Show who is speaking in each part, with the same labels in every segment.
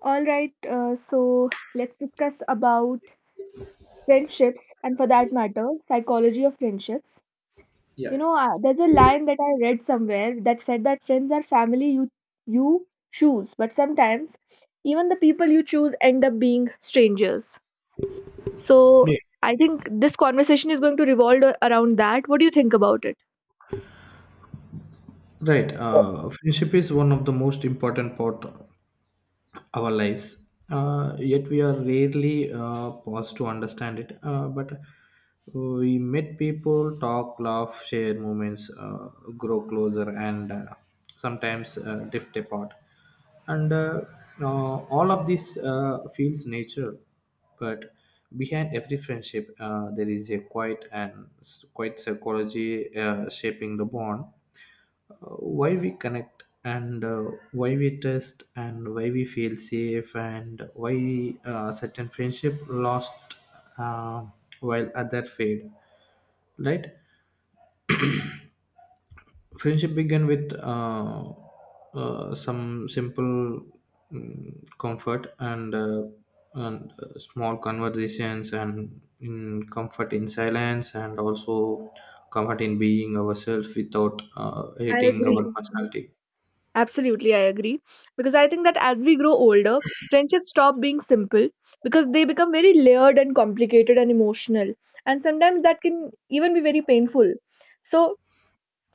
Speaker 1: All right, so let's discuss about friendships and, for that matter, psychology of friendships.
Speaker 2: Yeah.
Speaker 1: There's a line that I read somewhere that said that friends are family you choose, but sometimes even the people you choose end up being strangers. So
Speaker 2: Yeah,
Speaker 1: I think this conversation is going to revolve around that. What do you think about it?
Speaker 2: right. Friendship is one of the most important part of our lives. Yet we are rarely paused to understand it. But we meet people, talk, laugh, share moments, grow closer, and sometimes drift apart. And All of this feels natural, but behind every friendship, there is a quiet and quiet psychology shaping the bond, why we connect and why we trust and why we feel safe and why certain friendship lost, uh, while other fade, right. Friendship began with some simple comfort, and small conversations, and in comfort in silence, and also comfort in being ourselves without
Speaker 1: I
Speaker 2: editing our
Speaker 1: agree.
Speaker 2: personality.
Speaker 1: Absolutely, I agree. Because I think that as we grow older, friendships stop being simple because they become very layered and complicated and emotional. And sometimes that can even be very painful. So,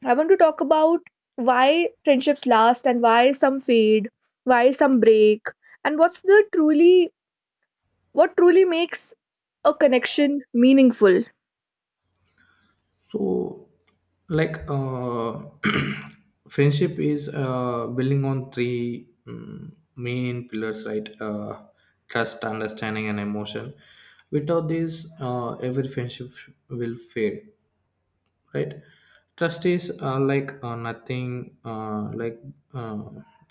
Speaker 1: I want to talk about why friendships last and why some fade, why some break, and what truly makes a connection meaningful.
Speaker 2: So, like friendship is building on three main pillars, right. Trust, understanding and emotion. Without these, every friendship will fade, right. Trust is like nothing, like uh,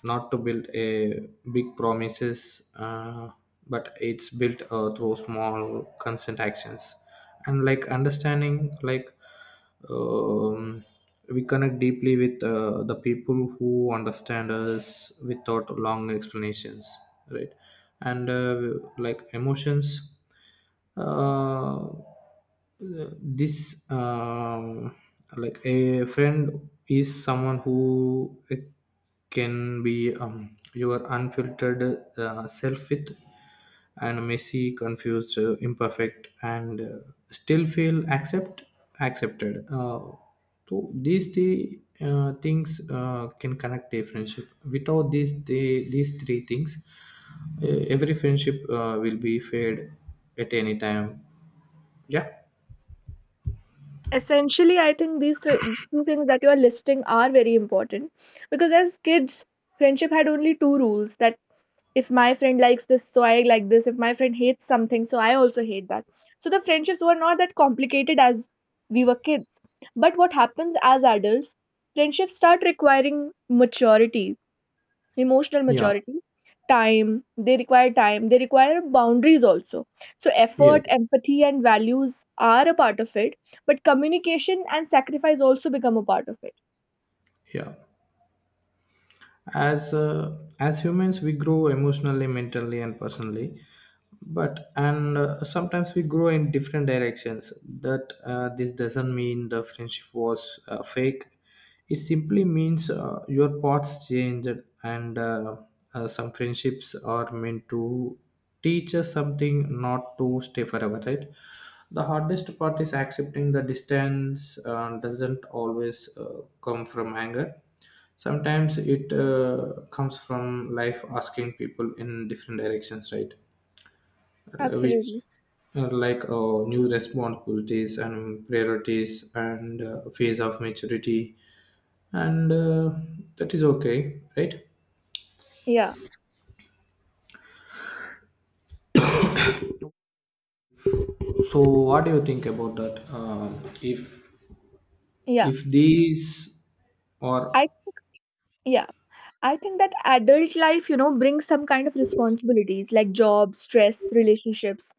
Speaker 2: not to build a big promises, but it's built through small consent actions. And like understanding, like um, we connect deeply with the people who understand us without long explanations, right. And like emotions, uh, this, like a friend is someone who can be, your unfiltered self with, and messy, confused, imperfect and still feel accepted, so these three things can connect a friendship. Without these three things, every friendship will be fade at any time. Yeah.
Speaker 1: Essentially, I think these three two things that you are listing are very important, because as kids, friendship had only two rules: that if my friend likes this, so I like this; if my friend hates something, so I also hate that. So the friendships were not that complicated as we were kids. But what happens as adults, friendships start requiring maturity, emotional
Speaker 2: Yeah.
Speaker 1: maturity, time. They require time, they require boundaries also. So effort,
Speaker 2: Yes.
Speaker 1: empathy and values are a part of it, but communication and sacrifice also become a part of it.
Speaker 2: Yeah. As uh, as humans, we grow emotionally, mentally and personally, but and sometimes we grow in different directions. That This doesn't mean the friendship was fake, it simply means your paths changed. And some friendships are meant to teach us something, not to stay forever, right. The hardest part is accepting the distance doesn't always come from anger, sometimes it comes from life asking people in different directions, right. Which
Speaker 1: Absolutely.
Speaker 2: are like new responsibilities and priorities and phase of maturity. And that is okay, right.
Speaker 1: Yeah,
Speaker 2: So what do you think about that? Um if
Speaker 1: yeah,
Speaker 2: if these are.
Speaker 1: I yeah, I think that adult life, brings some kind of responsibilities like job, stress, relationships,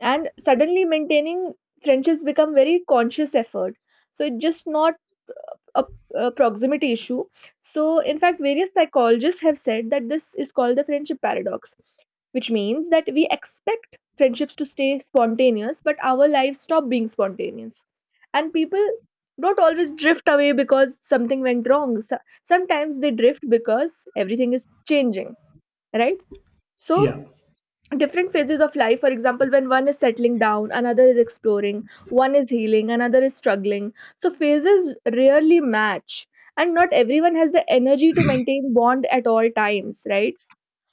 Speaker 1: and suddenly maintaining friendships become very conscious effort. So it's just not a, a proximity issue. So, in fact, various psychologists have said that this is called the friendship paradox, which means that we expect friendships to stay spontaneous, but our lives stop being spontaneous. And people don't always drift away because something went wrong. Sometimes they drift because everything is changing, right? So,
Speaker 2: Yeah,
Speaker 1: different phases of life, for example, when one is settling down, another is exploring; one is healing, another is struggling. So phases rarely match, and not everyone has the energy to maintain bond at all times, right?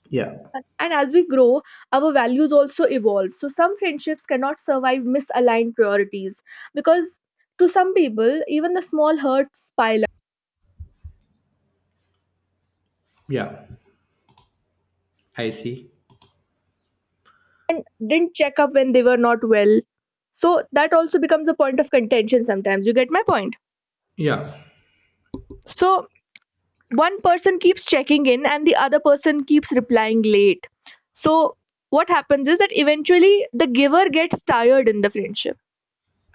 Speaker 2: yeah,
Speaker 1: And as we grow, our values also evolve, so some friendships cannot survive misaligned priorities, because to some people, even the small hurts pile up
Speaker 2: yeah. I see.
Speaker 1: and didn't check up when they were not well. So that also becomes a point of contention sometimes. You get my point?
Speaker 2: Yeah,
Speaker 1: So one person keeps checking in and the other person keeps replying late. So, what happens is that eventually the giver gets tired in the friendship,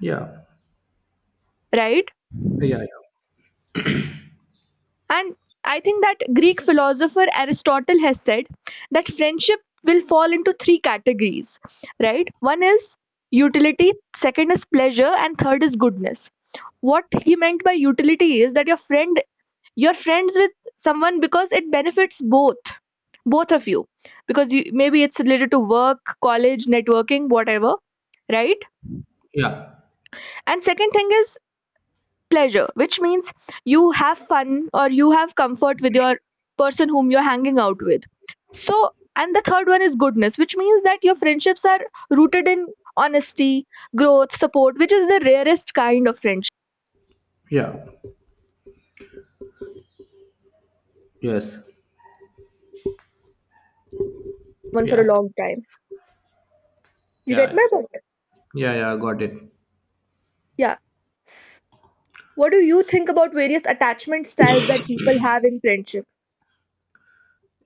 Speaker 2: yeah,
Speaker 1: right?
Speaker 2: yeah, yeah,
Speaker 1: And I think that Greek philosopher Aristotle has said that friendship will fall into three categories, right? One is utility, second is pleasure, and third is goodness. What he meant by utility is that your friend you're friends with someone because it benefits both of you, because you maybe it's related to work, college, networking, whatever, right?
Speaker 2: yeah,
Speaker 1: And second thing is pleasure, which means you have fun or you have comfort with your person whom you're hanging out with. So, and the third one is goodness, which means that your friendships are rooted in honesty, growth, support, which is the rarest kind of friendship.
Speaker 2: yeah. Yes.
Speaker 1: One for a
Speaker 2: Yeah,
Speaker 1: long time. You
Speaker 2: yeah,
Speaker 1: get my
Speaker 2: yeah,
Speaker 1: point?
Speaker 2: yeah, yeah, got it.
Speaker 1: Yeah. S- what do you think about various attachment styles that people have in friendship?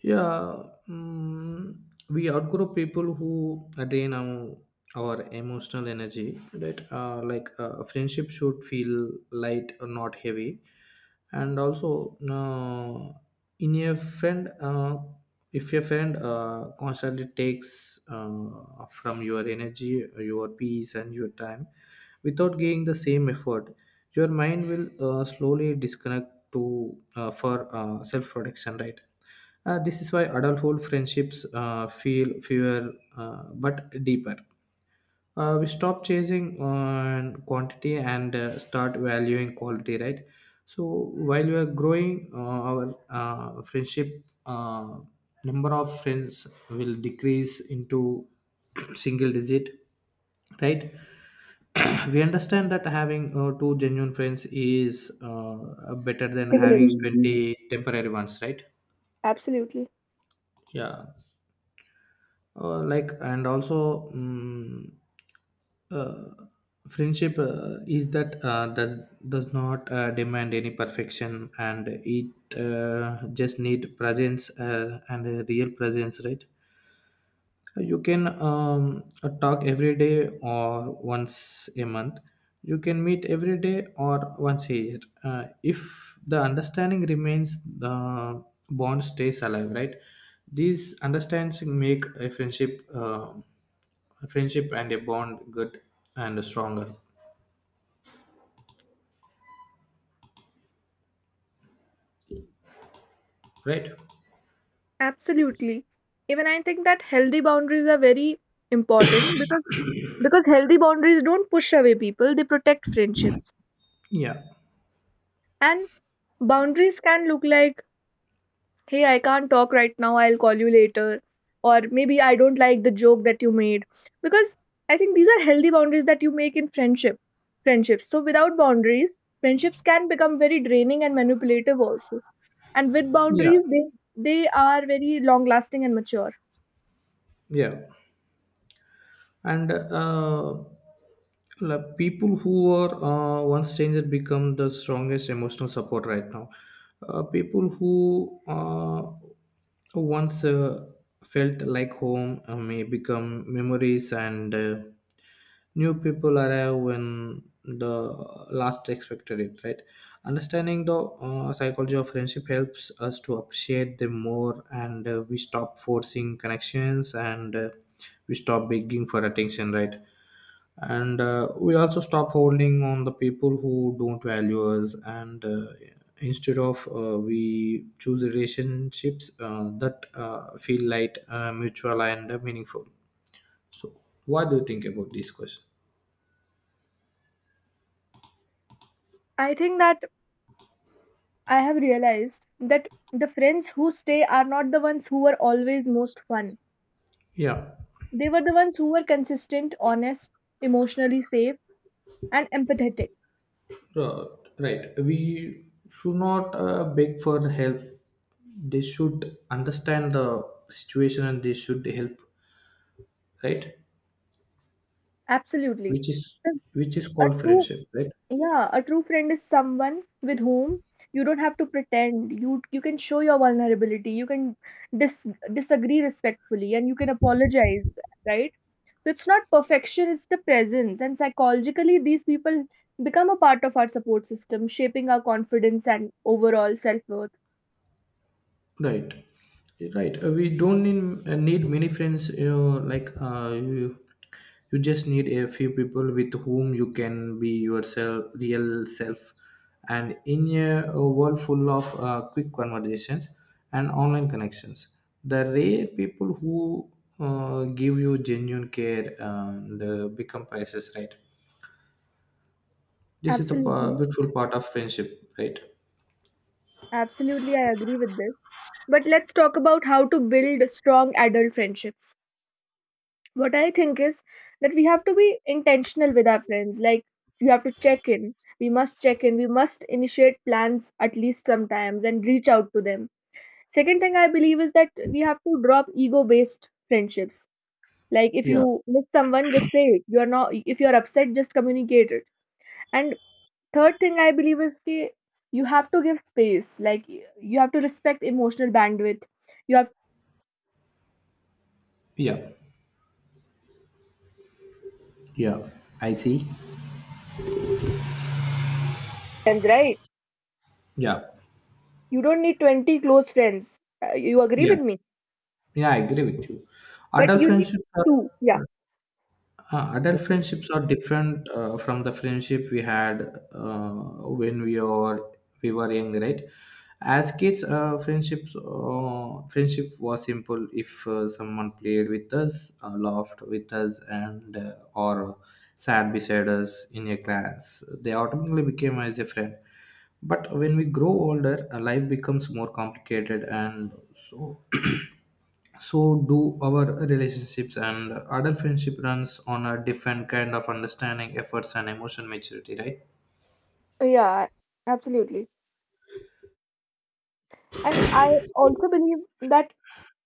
Speaker 2: Yeah, we outgrow people who drain our emotional energy, right? Like a friendship should feel light, or not heavy. And also, in a friend, if your friend constantly takes, from your energy, your peace, and your time without giving the same effort, your mind will slowly disconnect to, for self protection, right? This is why adulthood friendships feel fewer, but deeper. We stop chasing on quantity and start valuing quality, right? So while we are growing, our friendship, number of friends will decrease into single digit, right? We understand that having two genuine friends is better than having
Speaker 1: Privilege.
Speaker 2: 20 temporary ones, right?
Speaker 1: Absolutely.
Speaker 2: Yeah. Like, and also friendship is that, does not demand any perfection, and it just need presence, and a real presence, right. You can talk every day or once a month, you can meet every day or once a year, if the understanding remains, the bond stays alive, right. These understandings make a friendship and a bond good and stronger, right.
Speaker 1: Absolutely. Even I think that healthy boundaries are very important, because healthy boundaries don't push away people, they protect friendships.
Speaker 2: Yeah,
Speaker 1: And boundaries can look like, "Hey, I can't talk right now, I'll call you later," or, "Maybe I don't like the joke that you made." Because I think these are healthy boundaries that you make in friendships. So without boundaries, friendships can become very draining and manipulative also. And with
Speaker 2: yeah,
Speaker 1: boundaries, they are very long lasting and mature.
Speaker 2: yeah. And like people who are one stranger become the strongest emotional support right now. People who once felt like home may become memories, and new people arrive when the last expected it, right. Understanding the psychology of friendship helps us to appreciate them more, and we stop forcing connections, and we stop begging for attention, right. And we also stop holding on the people who don't value us, and instead of, we choose relationships that feel light, mutual and meaningful. So what do you think about this question?
Speaker 1: I think that I have realized that the friends who stay are not the ones who were always most fun.
Speaker 2: Yeah.
Speaker 1: They were the ones who were consistent, honest, emotionally safe, and empathetic.
Speaker 2: Uh, right. We should not beg for help. They should understand the situation and they should help, right?
Speaker 1: Absolutely.
Speaker 2: Which is
Speaker 1: Because
Speaker 2: which is
Speaker 1: a
Speaker 2: called
Speaker 1: true
Speaker 2: friendship, right?
Speaker 1: Yeah, a true friend is someone with whom you don't have to pretend. You can show your vulnerability. You can dis- disagree respectfully and you can apologize, right? So it's not perfection, it's the presence. And psychologically, these people become a part of our support system, shaping our confidence and overall self-worth.
Speaker 2: Right, right. We don't need many friends. Like you just need a few people with whom you can be yourself, real self. And in a world full of quick conversations and online connections, the rare people who give you genuine care and become priceless, right. This is the
Speaker 1: Absolutely.
Speaker 2: beautiful part of friendship, right.
Speaker 1: Absolutely, I agree with this. But let's talk about how to build strong adult friendships. What I think is that we have to be intentional with our friends. Like, you have to check in. We must check in. We must initiate plans at least sometimes and reach out to them. Second thing I believe is that we have to drop ego based friendships. Like, if
Speaker 2: Yeah.
Speaker 1: you miss someone, just say it. You're not If you're upset, just communicate it. And third thing I believe is that you have to give space. Like, you have to respect emotional bandwidth. You have
Speaker 2: Yeah. Yeah. I see.
Speaker 1: friends, right?
Speaker 2: Yeah.
Speaker 1: You don't need 20 close friends. You agree
Speaker 2: Yeah.
Speaker 1: with me?
Speaker 2: Yeah, I agree with you.
Speaker 1: But
Speaker 2: Adult
Speaker 1: you need
Speaker 2: friendships are
Speaker 1: two. Yeah.
Speaker 2: uh, adult friendships are different from the friendship we had when we were young, right? As kids, friendship was simple. If someone played with us, laughed with us, and or sat beside us in a class, they automatically became as a friend. But when we grow older, life becomes more complicated, and so do our relationships, and adult friendship runs on a different kind of understanding, efforts and emotion maturity, right.
Speaker 1: Yeah, absolutely. And I also believe that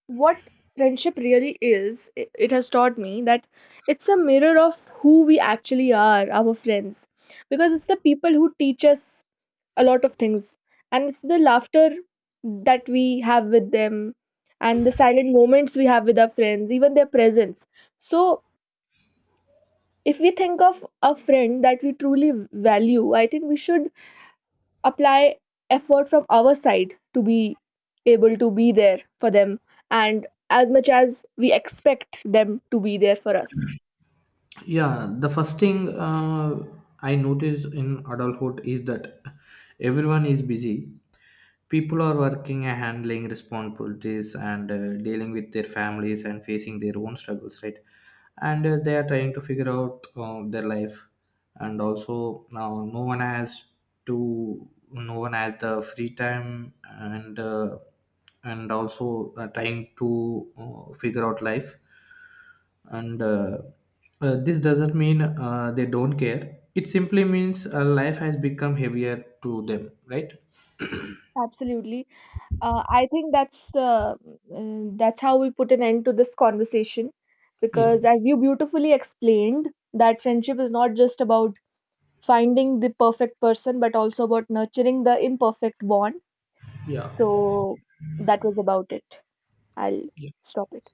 Speaker 1: what friendship really is, it has taught me that it's a mirror of who we actually are, our friends. Because it's the people who teach us a lot of things, and it's the laughter that we have with them, and the silent moments we have with our friends, even their presence. So, if we think of a friend that we truly value, I think we should apply effort from our side to be able to be there for them, and as much as we expect them to be there for us.
Speaker 2: Yeah, the first thing I noticed in adulthood is that everyone is busy. People are working and handling responsibilities, and dealing with their families and facing their own struggles, right? And they are trying to figure out their life. And also, now no one has the free time, and also trying to figure out life. And this doesn't mean they don't care. It simply means life has become heavier to them, right?
Speaker 1: Absolutely. I think that's how we put an end to this conversation,
Speaker 2: Yeah.
Speaker 1: because, as you beautifully explained, that friendship is not just about finding the perfect person, but also about nurturing the imperfect bond.
Speaker 2: Yeah.
Speaker 1: So that was about it. I'll stop it.